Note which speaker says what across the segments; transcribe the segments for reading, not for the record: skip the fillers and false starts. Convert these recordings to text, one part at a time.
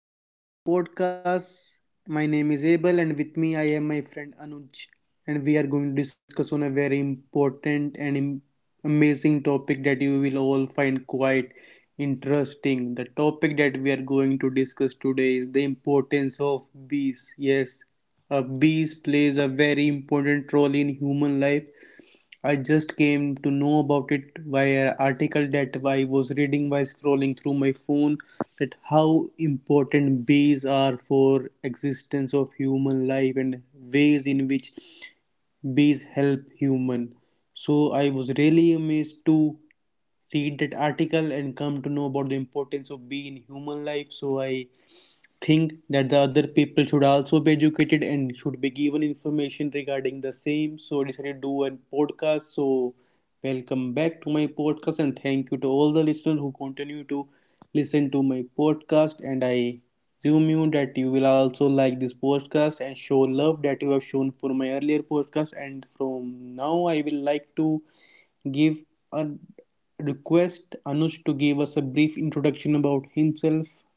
Speaker 1: Welcome back to our podcast. My name is Abel, and with me, I am my friend Anuj, and we are going to discuss on a very important and amazing topic that you will all find quite interesting. The topic that we are going to discuss today is the importance of bees. Yes, a bees plays a very important role in human life. I just came to know about it via an article that I was reading while scrolling through my phone that how important bees are for existence of human life and ways in which bees help human. So I was really amazed to read that article and come to know about the importance of bee in human life. So I think that the other people should also be educated and should be given information regarding the same. So I decided to do a podcast. So welcome back to my podcast and thank you to all the listeners who continue to listen to my podcast, and I assume that you will also like this podcast and show love that you have shown for my earlier podcast. And from now I will like to give a request Anush to give us a brief introduction about himself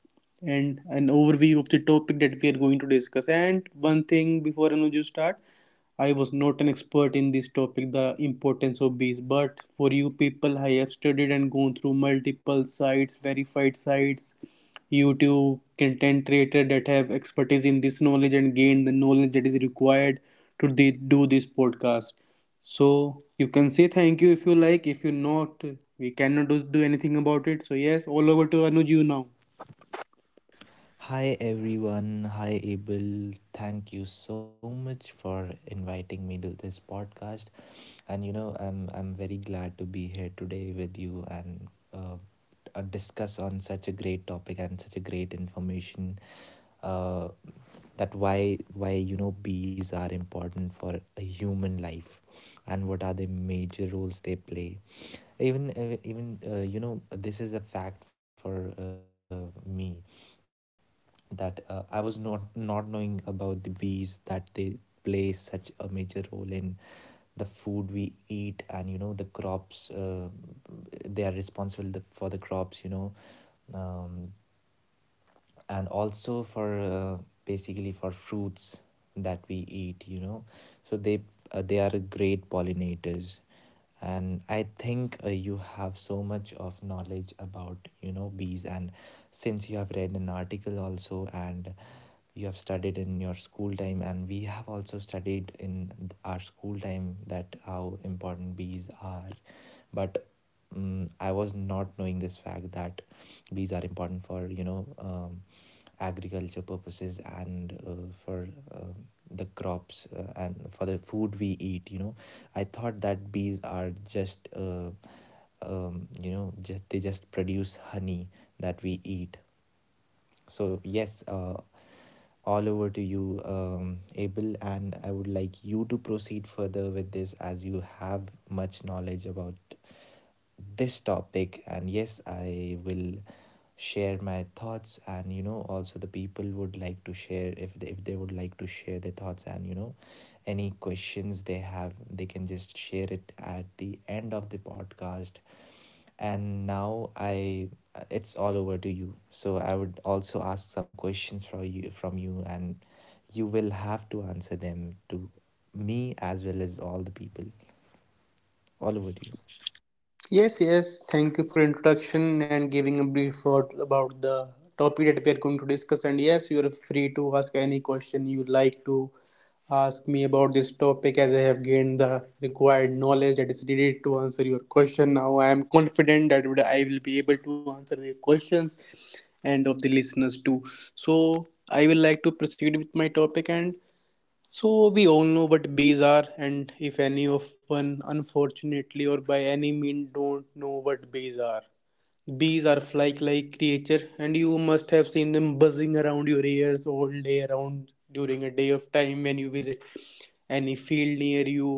Speaker 1: and an overview of the topic that we are going to discuss. And one thing before Anuj you start, I was not an expert in this topic, the importance of bees, but for you people, I have studied and gone through multiple sites, verified sites, YouTube content creator that have expertise in this knowledge and gain the knowledge that is required to do this podcast. So you can say thank you if you like. If you not, we cannot do anything about it. So yes, all over to Anuj you now.
Speaker 2: Hi everyone, hi Abel. Thank you so much for inviting me to this podcast. And I'm very glad to be here today with you and uh, discuss on such a great topic and such a great information. Uh, that why you know bees are important for a human life, and what are the major roles they play. Even you know this is a fact for me that I was not knowing about the bees, that they play such a major role in the food we eat and you know the crops they are responsible for the crops you know um, and also for basically for fruits that we eat you know, so they are great pollinators. And I think you have so much of knowledge about you know bees, and since you have read an article also, and you have studied in your school time, and we have also studied in our school time, that how important bees are. But I was not knowing this fact, that bees are important for you know, agriculture purposes and for um the crops and for the food we eat. You know, I thought that bees are just you know just they just produce honey that we eat. So yes, all over to you, Abel, and I would like you to proceed further with this as you have much knowledge about this topic. And yes, I will share my thoughts, and you know also the people would like to share, if if they would like to share their thoughts. And you know, any questions they have, they can just share it at the end of the podcast. And now I it's all over to you, so I would also ask some questions from you, and you will have to answer them to me as well as all the people. All over to you.
Speaker 1: Yes, yes. Thank you for introduction and giving a brief thought about the topic that we are going to discuss. And yes, you are free to ask any question you like to ask me about this topic, as I have gained the required knowledge that is needed to answer your question. Now I am confident that I will be able to answer your questions and of the listeners too. So I will like to proceed with my topic. And so we all know what bees are, and if any of one unfortunately or by any means don't know what bees are. Bees are fly-like creature, and you must have seen them buzzing around your ears all day around during a day of time when you visit any field near you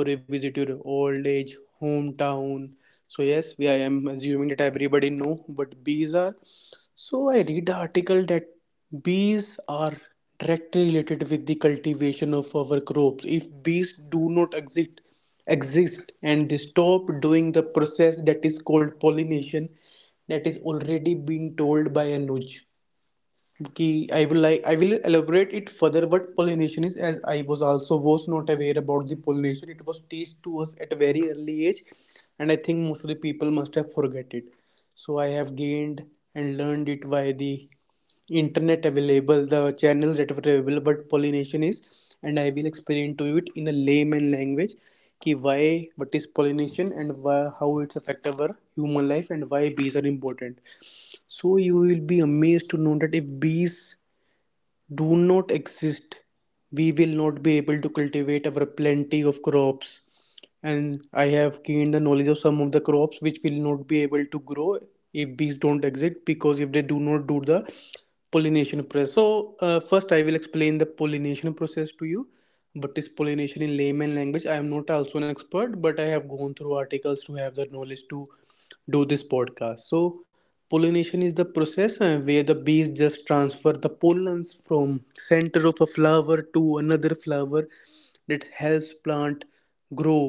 Speaker 1: or visit your old age hometown. So yes, we I am assuming that everybody know what bees are. So I read the article that bees are directly related with the cultivation of our crops. If bees do not exist and they stop doing the process that is called pollination, that is already being told by a nudge. कि I will elaborate it further what pollination is as I was also was not aware about the pollination. It was teach to us at a very early age and I think most of the people must have forget it. So I have gained and learned it by the internet available, the channels that were available. But pollination is, and I will explain to you it in a layman language कि why what is pollination and why, how it's affect our human life and why bees are important. So you will be amazed to know that if bees do not exist, we will not be able to cultivate our plenty of crops. And I have gained the knowledge of some of the crops which will not be able to grow if bees don't exist because if they do not do the pollination process. So first, I will explain the pollination process to you. But this pollination in layman language, I am not also an expert, but I have gone through articles to have the knowledge to do this podcast. So, pollination is the process where the bees just transfer the pollens from center of a flower to another flower, that helps plant grow,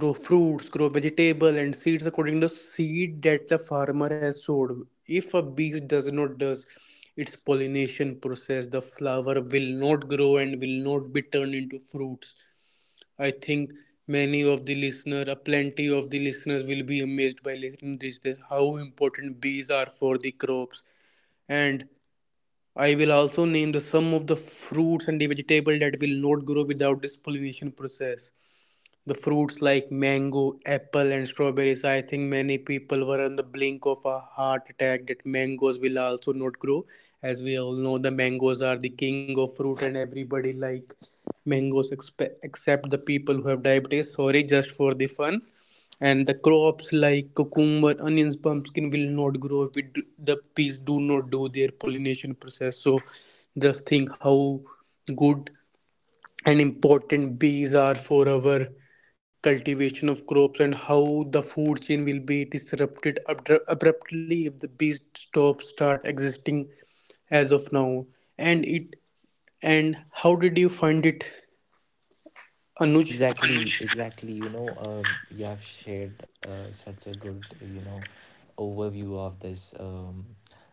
Speaker 1: grow fruits, grow vegetable and seeds according to the seed that the farmer has sowed. If a bee does not does its pollination process, the flower will not grow and will not be turned into fruits. I think many of the listener, plenty of the listeners will be amazed by listening this how important bees are for the crops. And I will also name the some of the fruits and the vegetable that will not grow without this pollination process. The fruits like mango, apple, and strawberries. I think many people were on the brink of a heart attack that mangoes will also not grow. As we all know, the mangoes are the king of fruit, and everybody like mangoes except the people who have diabetes. Sorry, just for the fun. And the crops like cucumber, onions, pumpkin will not grow if the bees do not do their pollination process. So, just think how good and important bees are for our cultivation of crops and how the food chain will be disrupted abruptly if the bees stop start existing as of now. And it, and how did you find it, Anuj?
Speaker 2: Exactly, exactly. You know, you have shared such a good, you know, overview of this,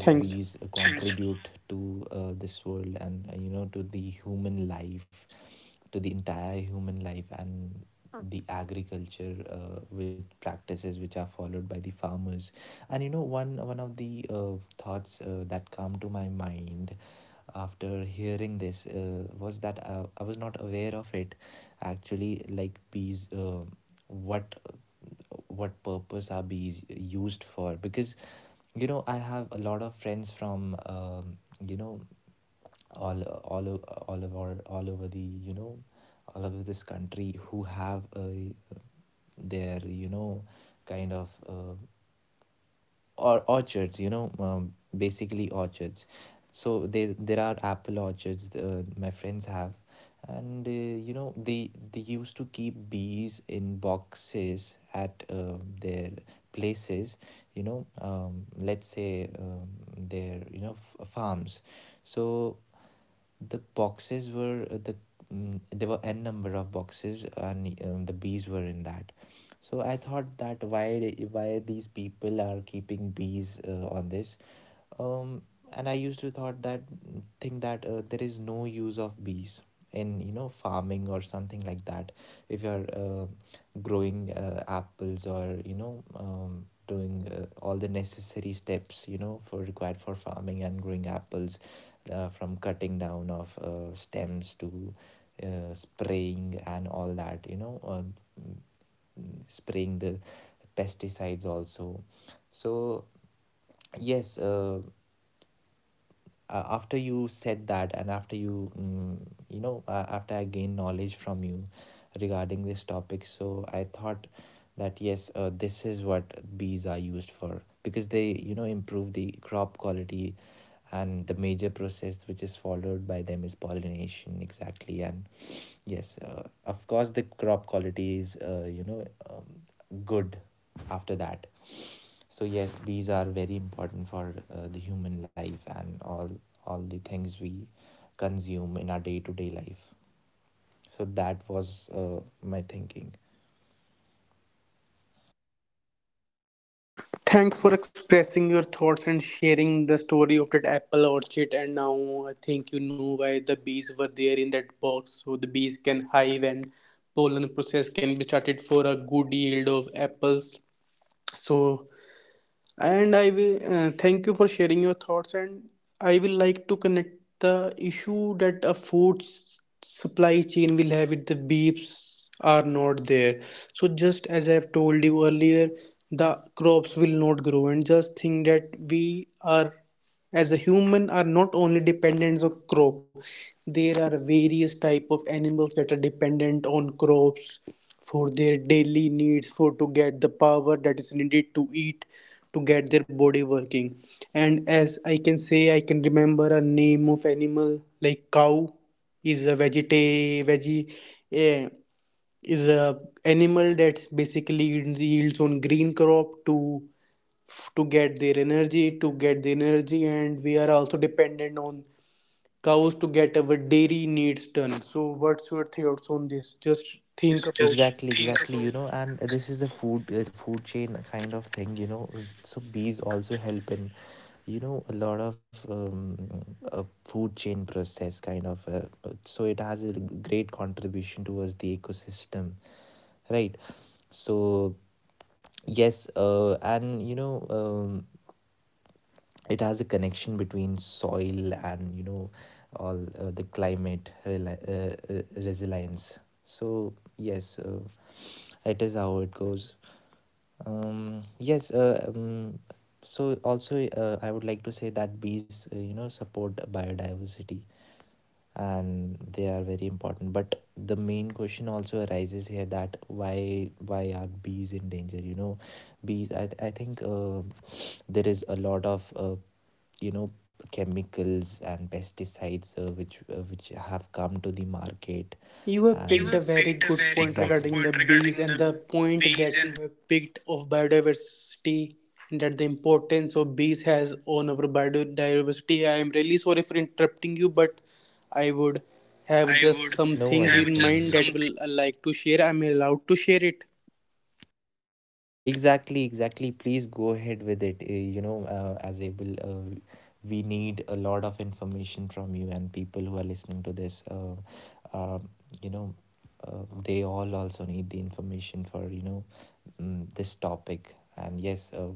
Speaker 2: that
Speaker 1: Thanks.
Speaker 2: how bees Thanks. Contribute to this world, and you know, to the human life, to the entire human life, and the agriculture with practices which are followed by the farmers. And you know, one of the thoughts that come to my mind after hearing this was that I was not aware of it actually, like bees what what purpose are bees used for. Because you know, I have a lot of friends from you know, all over the you know, all over this country, who have their you know kind of or orchards, you know, basically orchards. So there are apple orchards my friends have. And you know, they used to keep bees in boxes at their places, you know, let's say, their you know farms. So the boxes were there were n number of boxes, and the bees were in that. So I thought that why these people are keeping bees on this. um and I used to thought that think that there is no use of bees in you know farming or something like that, if you're growing apples, or you know, doing all the necessary steps you know for required for farming and growing apples, from cutting down of stems to spraying and all that, you know, mm, spraying the pesticides also. So yes, after you said that, and after you you know, after I gained knowledge from you regarding this topic, so I thought that yes, this is what bees are used for, because they you know improve the crop quality. And the major process which is followed by them is pollination, exactly. And yes, of course the crop quality is you know good after that. So yes, bees are very important for the human life and all the things we consume in our day to day life. So that was my thinking.
Speaker 1: Thanks for expressing your thoughts and sharing the story of that apple orchard. And now I think you know why the bees were there in that box, so the bees can hive and pollen process can be started for a good yield of apples. So, and I will thank you for sharing your thoughts. And I will like to connect the issue that a food supply chain will have if the beeps are not there. So, just as I have told you earlier, the crops will not grow. And just think that we are, as a human, are not only dependent on crop. There are various type of animals that are dependent on crops for their daily needs for to get the power that is needed to eat to get their body working. And as I can say, I can remember a name of animal like cow is a veggie eh, is a animal that basically yields on green crop to get their energy, to get the energy. And we are also dependent on cows to get our dairy needs done. So what's your thoughts on this? Just think about.
Speaker 2: Exactly, exactly. You know, and this is a food chain kind of thing. You know, so bees also help in you know a lot of a food chain process kind of. So it has a great contribution towards the ecosystem, right? So yes, and you know, it has a connection between soil and you know all the resilience. So yes, it is how it goes. Yes, so also I would like to say that bees you know support biodiversity, and they are very important. But the main question also arises here, that why are bees in danger, you know? Bees, I think there is a lot of you know chemicals and pesticides which have come to the market.
Speaker 1: You
Speaker 2: And
Speaker 1: have
Speaker 2: you
Speaker 1: picked a
Speaker 2: have
Speaker 1: very
Speaker 2: picked a
Speaker 1: good
Speaker 2: very
Speaker 1: point
Speaker 2: good
Speaker 1: regarding the
Speaker 2: point
Speaker 1: bees,
Speaker 2: regarding
Speaker 1: and
Speaker 2: the
Speaker 1: the point
Speaker 2: bees,
Speaker 1: that
Speaker 2: and
Speaker 1: you have picked of biodiversity, that the importance of bees has on our biodiversity. I am really sorry for interrupting you, but I would have
Speaker 2: I
Speaker 1: just
Speaker 2: would
Speaker 1: some
Speaker 2: no worries
Speaker 1: things
Speaker 2: have
Speaker 1: in
Speaker 2: worries no
Speaker 1: mind
Speaker 2: just worries
Speaker 1: that
Speaker 2: something.
Speaker 1: will I like to share. I'm allowed to share it.
Speaker 2: exactly, exactly, please go ahead with it. You know, as I will we need a lot of information from you, and people who are listening to this, uh, you know, uh, they all also need the information for you know this topic. And yes, uh,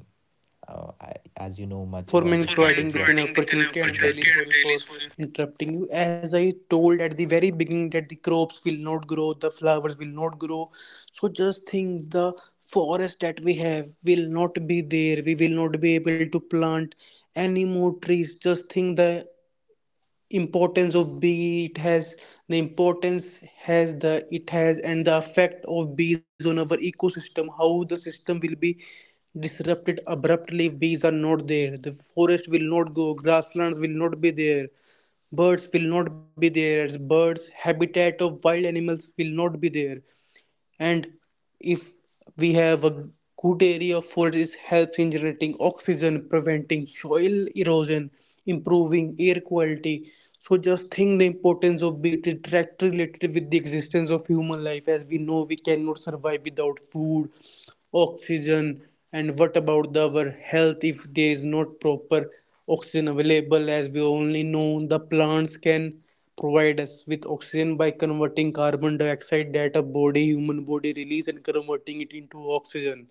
Speaker 2: uh, I, as you know
Speaker 1: Thank you
Speaker 2: much
Speaker 1: for
Speaker 2: about
Speaker 1: man
Speaker 2: this for men
Speaker 1: providing
Speaker 2: topic.
Speaker 1: with an
Speaker 2: Providing, yes, providing an
Speaker 1: opportunity, and I'm
Speaker 2: opportunity,
Speaker 1: really
Speaker 2: exactly, and I'm
Speaker 1: sorry
Speaker 2: really
Speaker 1: for
Speaker 2: sorry.
Speaker 1: interrupting you. As I told at the very beginning, that the crops will not grow, the flowers will not grow. So just think, the forest that we have will not be there. We will not be able to plant any more trees. Just think the importance of bee it has and the effect of bees on our ecosystem, how the system will be disrupted abruptly if bees are not there. The forest will not go, grasslands will not be there, birds will not be there, as birds habitat of wild animals will not be there. And if we have a good area for this, helps in generating oxygen, preventing soil erosion, improving air quality. So just think the importance of it is directly related with the existence of human life, as we know we cannot survive without food, oxygen. And what about our health if there is not proper oxygen available, as we only know the plants can provide us with oxygen by converting carbon dioxide that a body human body release and converting it into oxygen.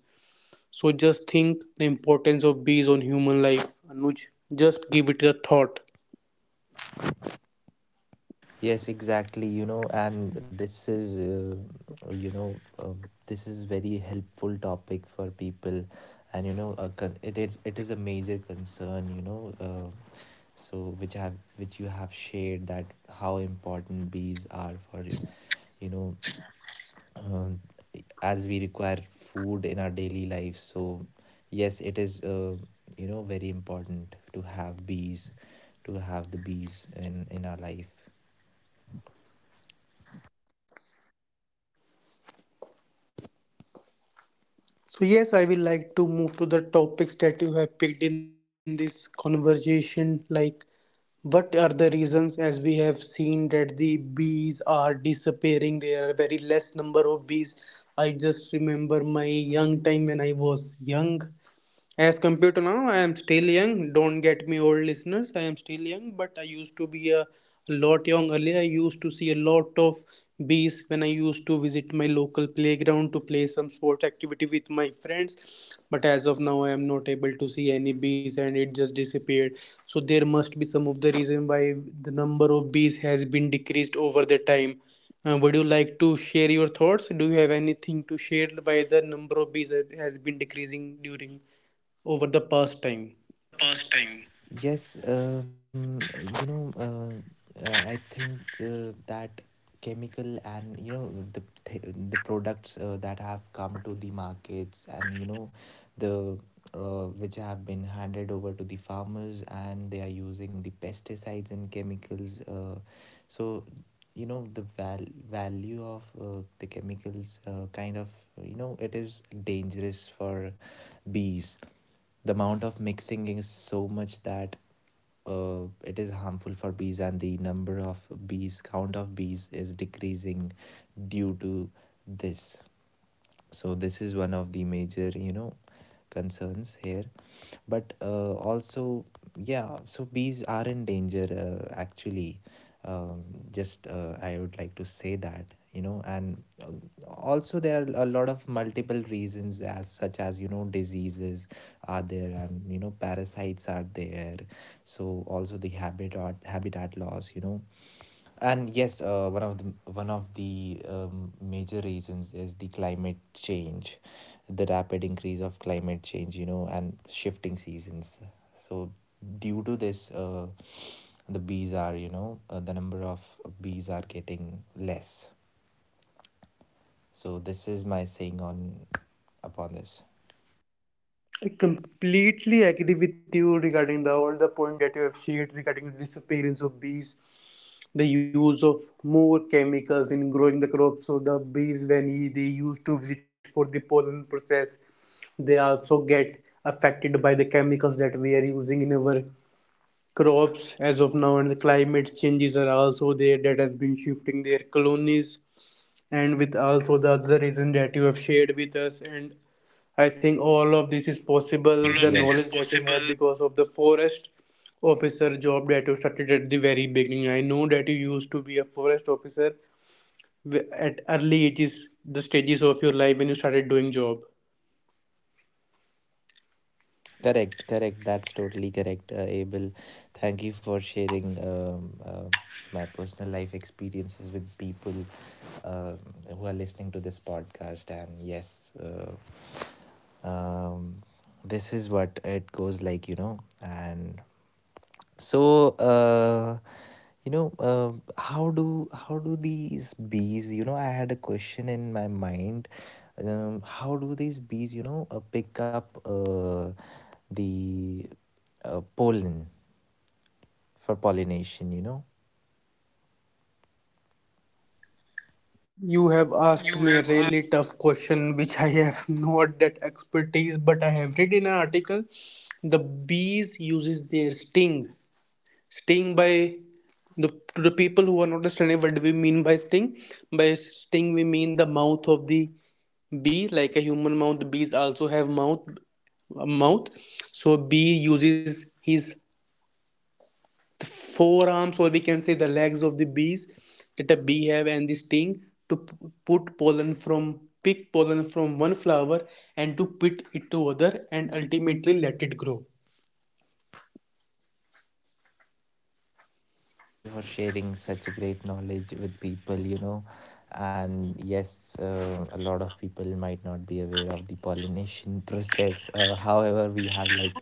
Speaker 1: So just think the importance of bees on human life, Anuj. Just give it a thought.
Speaker 2: Yes, exactly, you know, and this is you know, this is very helpful topic for people. And you know, it is a major concern, you know, so which have which you have shared, that how important bees are for you know um, as we require food in our daily life. So yes, it is you know very important to have bees, to have the bees in our life.
Speaker 1: So yes, I will like to move to the topics that you have picked in this conversation, like what are the reasons, as we have seen that the bees are disappearing, there are very less number of bees. I just remember my young time when I was young. As compared to now, I am still young. Don't get me old, listeners. I am still young, but I used to be a lot young earlier. I used to see a lot of bees when I used to visit my local playground to play some sports activity with my friends. But as of now, I am not able to see any bees, and it just disappeared. So there must be some of the reason why the number of bees has been decreased over the time. Would you like to share your thoughts? Do you have anything to share why the number of bees has been decreasing during, over the past time?
Speaker 2: The first time? Yes, you know, I think that chemical and you know the the products that have come to the markets, and you know the which have been handed over to the farmers, and they are using the pesticides and chemicals. So you know the value of the chemicals kind of, you know, it is dangerous for bees. The amount of mixing is so much that it is harmful for bees, and the number of bees count of bees is decreasing due to this. So this is one of the major you know concerns here. But also yeah, so bees are in danger actually. um, just I would like to say that you know, and also there are a lot of multiple reasons, as such as you know diseases are there, and you know parasites are there. So also the habitat loss, you know. And yes, one of the major reasons is the climate change, the rapid increase of climate change, you know, and shifting seasons. So due to this, the bees are, you know, the number of bees are getting less. So this is my saying on, upon this.
Speaker 1: I completely agree with you regarding the all the point that you have shared regarding the disappearance of bees, the use of more chemicals in growing the crops. So the bees, when they used to visit for the pollen process, they also get affected by the chemicals that we are using in our crops as of now, and the climate changes are also there that has been shifting their colonies, and with also the other reason that you have shared with us. And I think all of this is
Speaker 2: I think Exactly. all
Speaker 1: possible, the
Speaker 2: of this Yes. is
Speaker 1: knowledge that you have
Speaker 2: possible.
Speaker 1: because of the forest officer job that you started at the very beginning. I know that you used to be a forest officer at early ages, the stages of your life when you started doing job.
Speaker 2: Correct, correct. That's totally correct, Abel. Thank you for sharing my personal life experiences with people um who are listening to this podcast. And yes, um, this is what it goes like, you know. And so you know, how do these bees, you know, I had a question in my mind, how do these bees you know pick up the pollen for pollination, you know?
Speaker 1: You have
Speaker 2: You
Speaker 1: asked me a
Speaker 2: have.
Speaker 1: really tough question, which I have not that expertise, but I have read in an article. The bees uses their sting, staying by the, to the people who are not understanding what do we mean by sting. By sting we mean the mouth of the bee. Like a human mouth, bees also have mouth, a mouth. So bee uses his forearms, or we can say the legs of the bees that a bee have, and the sting to p- put pollen from, pick pollen from one flower and to put it to other and ultimately let it grow.
Speaker 2: Thank you for sharing such a great knowledge with people, you know. And yes, a lot of people might not be aware of the pollination process. However, we have like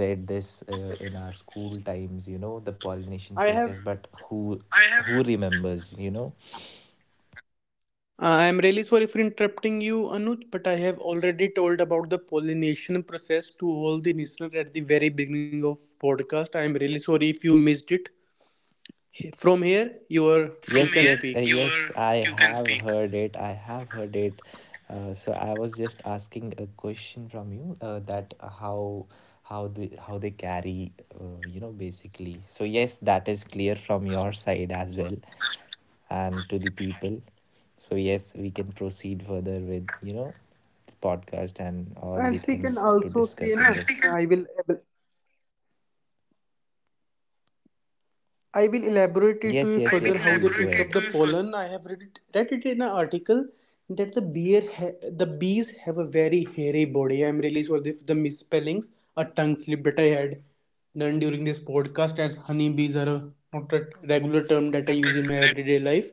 Speaker 2: read this in our school times, you know, the pollination
Speaker 1: I have.
Speaker 2: process, but who, I have, who remembers, you know?
Speaker 1: I'm really sorry for interrupting you, Anuj, but I have already told about the pollination process to all the listeners at the very beginning of podcast. I'm really sorry if you missed it. From here, you are,
Speaker 2: From
Speaker 1: you
Speaker 2: yes,
Speaker 1: can
Speaker 2: here, yes,
Speaker 1: speak.
Speaker 2: you yes, are I you can have speak. Heard it. I have heard it. So I was just asking a question from you that how the how they carry you know basically. So yes, that is clear from your side as well, and to the people. So yes, we can proceed further with you know the podcast and all
Speaker 1: I'll
Speaker 2: the
Speaker 1: speak and
Speaker 2: things to
Speaker 1: also say,
Speaker 2: discuss in. And
Speaker 1: na,
Speaker 2: this. We can.
Speaker 1: I will. I will elaborate it to
Speaker 2: Yes,
Speaker 1: you
Speaker 2: I yes, will
Speaker 1: further
Speaker 2: yes. Please go
Speaker 1: how they
Speaker 2: elaborate it
Speaker 1: pick up
Speaker 2: ahead. To
Speaker 1: the
Speaker 2: you further.
Speaker 1: pollen. I have read it in an article that the bees have a very hairy body. I'm really sorry for the misspellings, a tongue slip that I had done during this podcast, as honey bees are a, not a
Speaker 2: These
Speaker 1: regular
Speaker 2: are
Speaker 1: term that I use in my everyday life.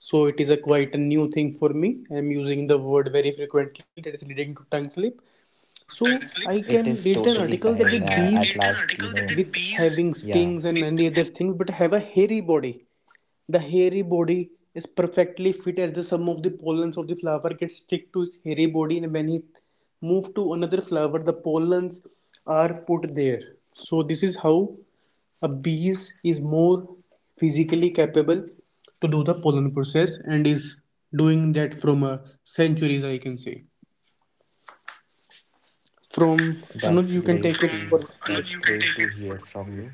Speaker 1: So it is a quite a new thing for me. I'm using the word very frequently. That is leading to tongue slip. So
Speaker 2: tongue
Speaker 1: I
Speaker 2: slip. It
Speaker 1: can
Speaker 2: is
Speaker 1: read an
Speaker 2: totally. So
Speaker 1: article
Speaker 2: fine. I
Speaker 1: that the
Speaker 2: can. At read an
Speaker 1: bees
Speaker 2: last, you article that know. That
Speaker 1: with
Speaker 2: the
Speaker 1: having
Speaker 2: bees
Speaker 1: stings
Speaker 2: Yeah,
Speaker 1: and any
Speaker 2: with
Speaker 1: other things but have a hairy body. The hairy body is perfectly fit as the sum of the pollens of the flower gets stick to its hairy body, and when it moves to another flower the pollens are put there. So this is how a bees is more physically capable to do the pollen process, and is doing that from a centuries I can say. From Anuj,
Speaker 2: that's
Speaker 1: you can
Speaker 2: great
Speaker 1: take it
Speaker 2: from
Speaker 1: for.
Speaker 2: to that's you great to hear from you.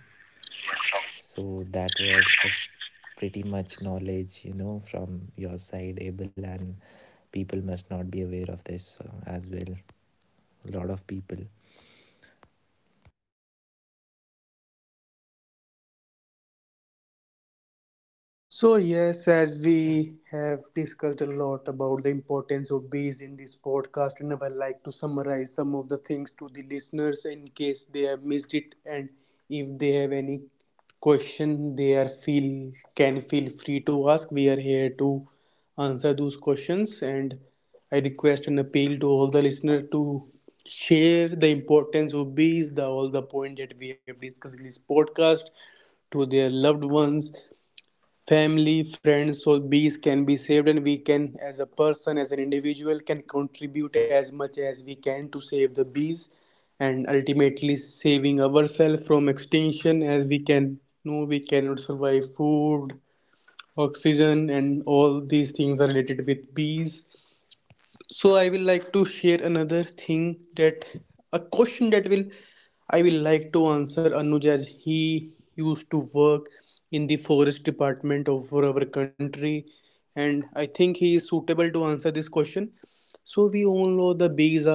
Speaker 2: So that was a pretty much knowledge, from your side, Abel, and people must not be aware of this as well. A lot of people
Speaker 1: So, yes, as we have discussed a lot about the importance of bees in this podcast, and I would like to summarize some of the things to the listeners in case they have missed it, and if they have any question, they are feel can feel free to ask. We are here to answer those questions, and I request and appeal to all the listeners to share the importance of bees, the all the points that we have discussed in this podcast to their loved ones, family, friends, so bees can be saved and we can as a person, as an individual can contribute as much as we can to save the bees and ultimately saving ourselves from extinction. As we can know, we cannot survive. Food, oxygen and all these things are related with bees. So I will like to share another thing, that a question that will, I will like to answer Anuj, as he used to work in the forest department of our country, and I think he is suitable to answer this question. So we all know the bees are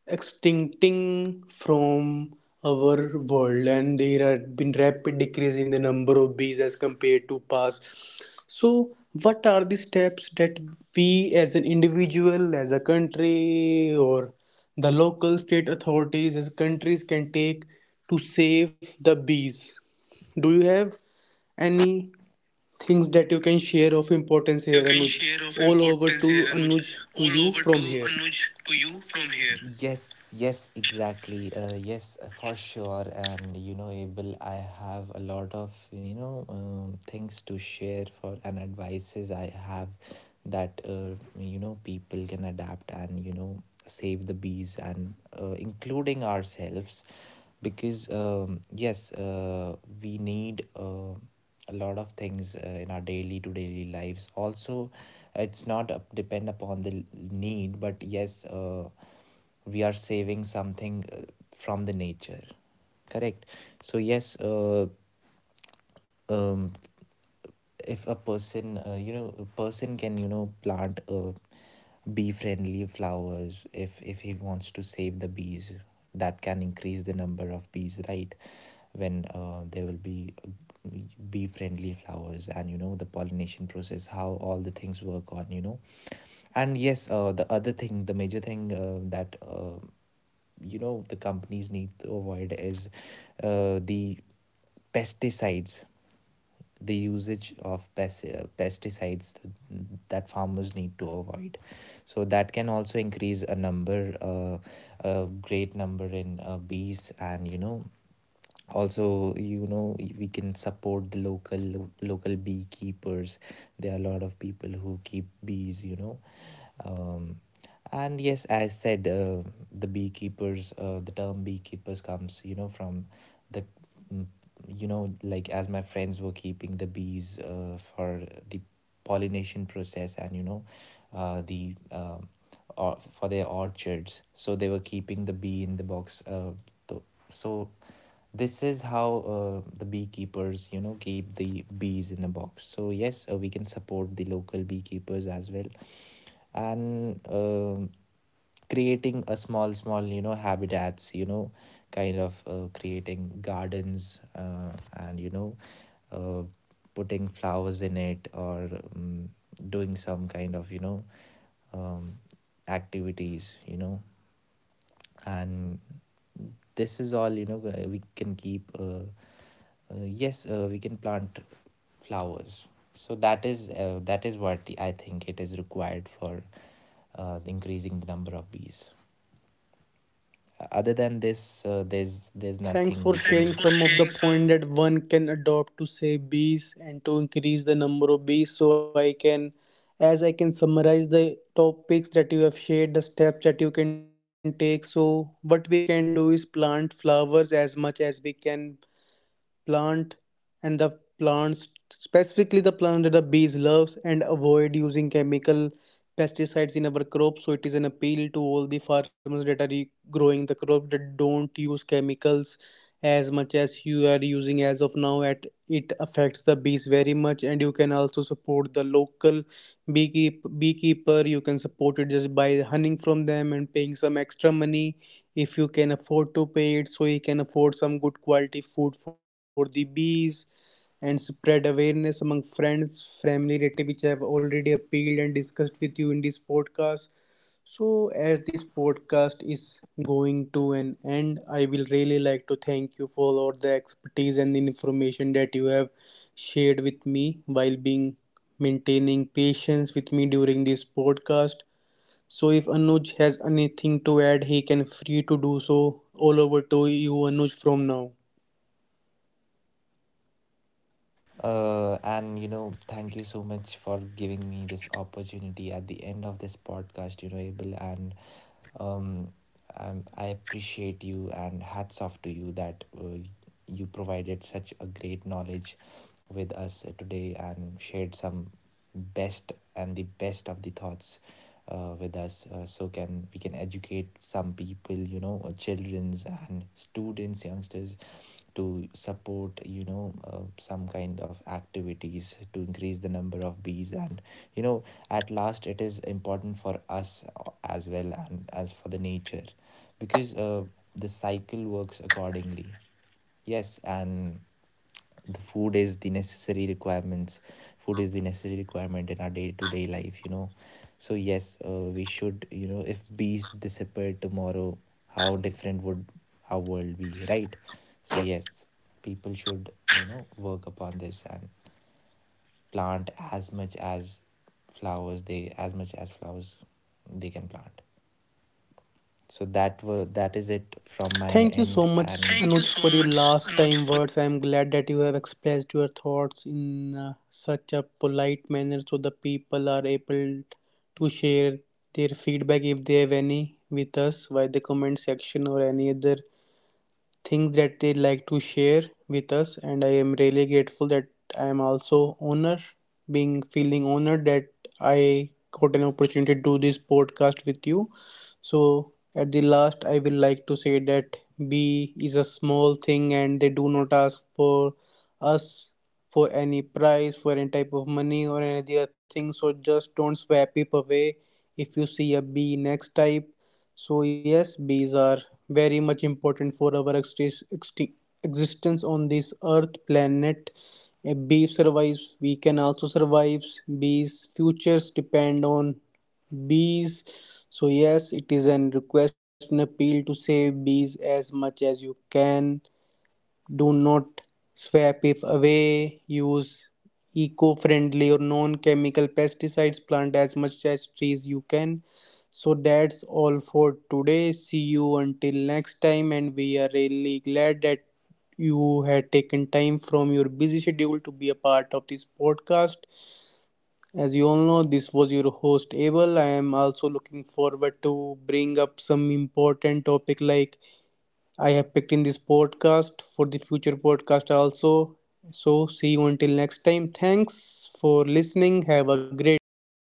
Speaker 1: extincting from our world, and there have been rapid decrease in the number of bees as compared to past. So, what are the steps that we as an individual, as a country, or the local state authorities as countries can take to save the bees? Do you have any things that you can share of importance here,
Speaker 2: that you
Speaker 1: Anuj?
Speaker 2: can share of
Speaker 1: All over
Speaker 2: importance
Speaker 1: to
Speaker 2: here, Anuj.
Speaker 1: Anuj, to you
Speaker 2: All over
Speaker 1: from
Speaker 2: to
Speaker 1: here.
Speaker 2: Anuj, to you from here. Yes, yes, exactly. Yes, for sure. And Abel, I have a lot of things to share for and advices I have that people can adapt and save the bees and including ourselves because yes, we need a lot of things in our daily to daily lives also it's not depend upon the need. But yes, we are saving something from the nature, correct? So yes, um, if a person, a person can, plant, bee friendly flowers. If he wants to save the bees, that can increase the number of bees, right? When there will be bee friendly flowers and the pollination process, how all the things work on, and yes, the other thing, the major thing, that you know the companies need to avoid is the pesticides, the usage of pesticides that farmers need to avoid. So that can also increase a number, a great number in bees. And also, we can support the local beekeepers. There are a lot of people who keep bees, um, and yes, as said, the beekeepers, the term beekeepers comes, from the mm, mm, like, as my friends were keeping the bees for the pollination process. And you know the or for their orchards, so they were keeping the bee in the box, so this is how the beekeepers, keep the bees in a box. So yes, we can support the local beekeepers as well. And um, creating a small habitats, kind of, creating gardens, and you know uh, putting flowers in it or, um, doing some kind of, um, activities, and this is all, we can keep, yes, we can plant flowers. So that is, that is what I think it is required for increasing the number of bees. Other than this, there's nothing we can do. Thanks
Speaker 1: Thanks
Speaker 2: for
Speaker 1: for
Speaker 2: sharing,
Speaker 1: sharing
Speaker 2: sir.
Speaker 1: some of the point that one can adopt to save bees and to increase the number of bees. So I can, as I can summarize the topics that you have shared, the steps that you can take. So what we can do is plant flowers as much as we can plant, and the plants, specifically the plant that the bees loves, and avoid using chemical pesticides in our crops. So it is an appeal to all the farmers that are growing the crop that don't use chemicals as much as you are using as of now, at it affects the bees very much. And you can also support the local beekeeper. You can support it just by hunting from them and paying some extra money if you can afford to pay it, so he can afford some good quality food for the bees. And spread awareness among friends, family, relative, which I have already appealed and discussed with you in this podcast. So, as this podcast is going to an end, I will really like to thank you for all the expertise and information that you have shared with me while being maintaining patience with me during this podcast. So, if Anuj has anything to add, he can free to do so. All over to you, Anuj, from now.
Speaker 2: And you know thank you so much for giving me this opportunity at the end of this podcast, Abel. And um, I appreciate you, and hats off to you that you provided such a great knowledge with us today and shared some best and the best of the thoughts, with us. So can we can educate some people, children's and students, youngsters, to support, some kind of activities to increase the number of bees. And you know at last, it is important for us, as well, and as for the nature, because the cycle works accordingly. Yes. And the food is the necessary requirements, food is the necessary requirement in our day-to-day life, so yes, we should, if bees disappeared tomorrow, how different would our world be, right? So yes, people should, work upon this and plant as much as flowers they, as much as flowers they can plant. So that were, that is it from my
Speaker 1: Thank you
Speaker 2: end.
Speaker 1: so
Speaker 2: And
Speaker 1: much,
Speaker 2: thank you
Speaker 1: Anuj,
Speaker 2: so
Speaker 1: for your
Speaker 2: much,
Speaker 1: last
Speaker 2: Anuj,
Speaker 1: time
Speaker 2: for
Speaker 1: words. I am glad that you have expressed your thoughts in such a polite manner so the people are able to share their feedback if they have any with us via the comment section or any other things that they like to share with us. And I am really grateful that I am also honored, being feeling honored that I got an opportunity to do this podcast with you. So at the last I will like to say that b is a small thing and they do not ask for us for any price, for any type of money or any other thing, so just don't swipe it away if you see a bee next type. So yes, bees are very much important for our existence on this earth planet. If beef survives, we can also survive. Bees futures depend on bees. So yes, it is an request and appeal to save bees as much as you can. Do not swap if away. Use eco-friendly or non-chemical pesticides, plant as much as trees you can. So that's all for today. See you until next time, and we are really glad that you had taken time from your busy schedule to be a part of this podcast. As you all know, this was your host Abel. I am also looking forward to bring up some important topic like I have picked in this podcast for the future podcast also. So, see you until next time. Thanks for listening. Have a great day.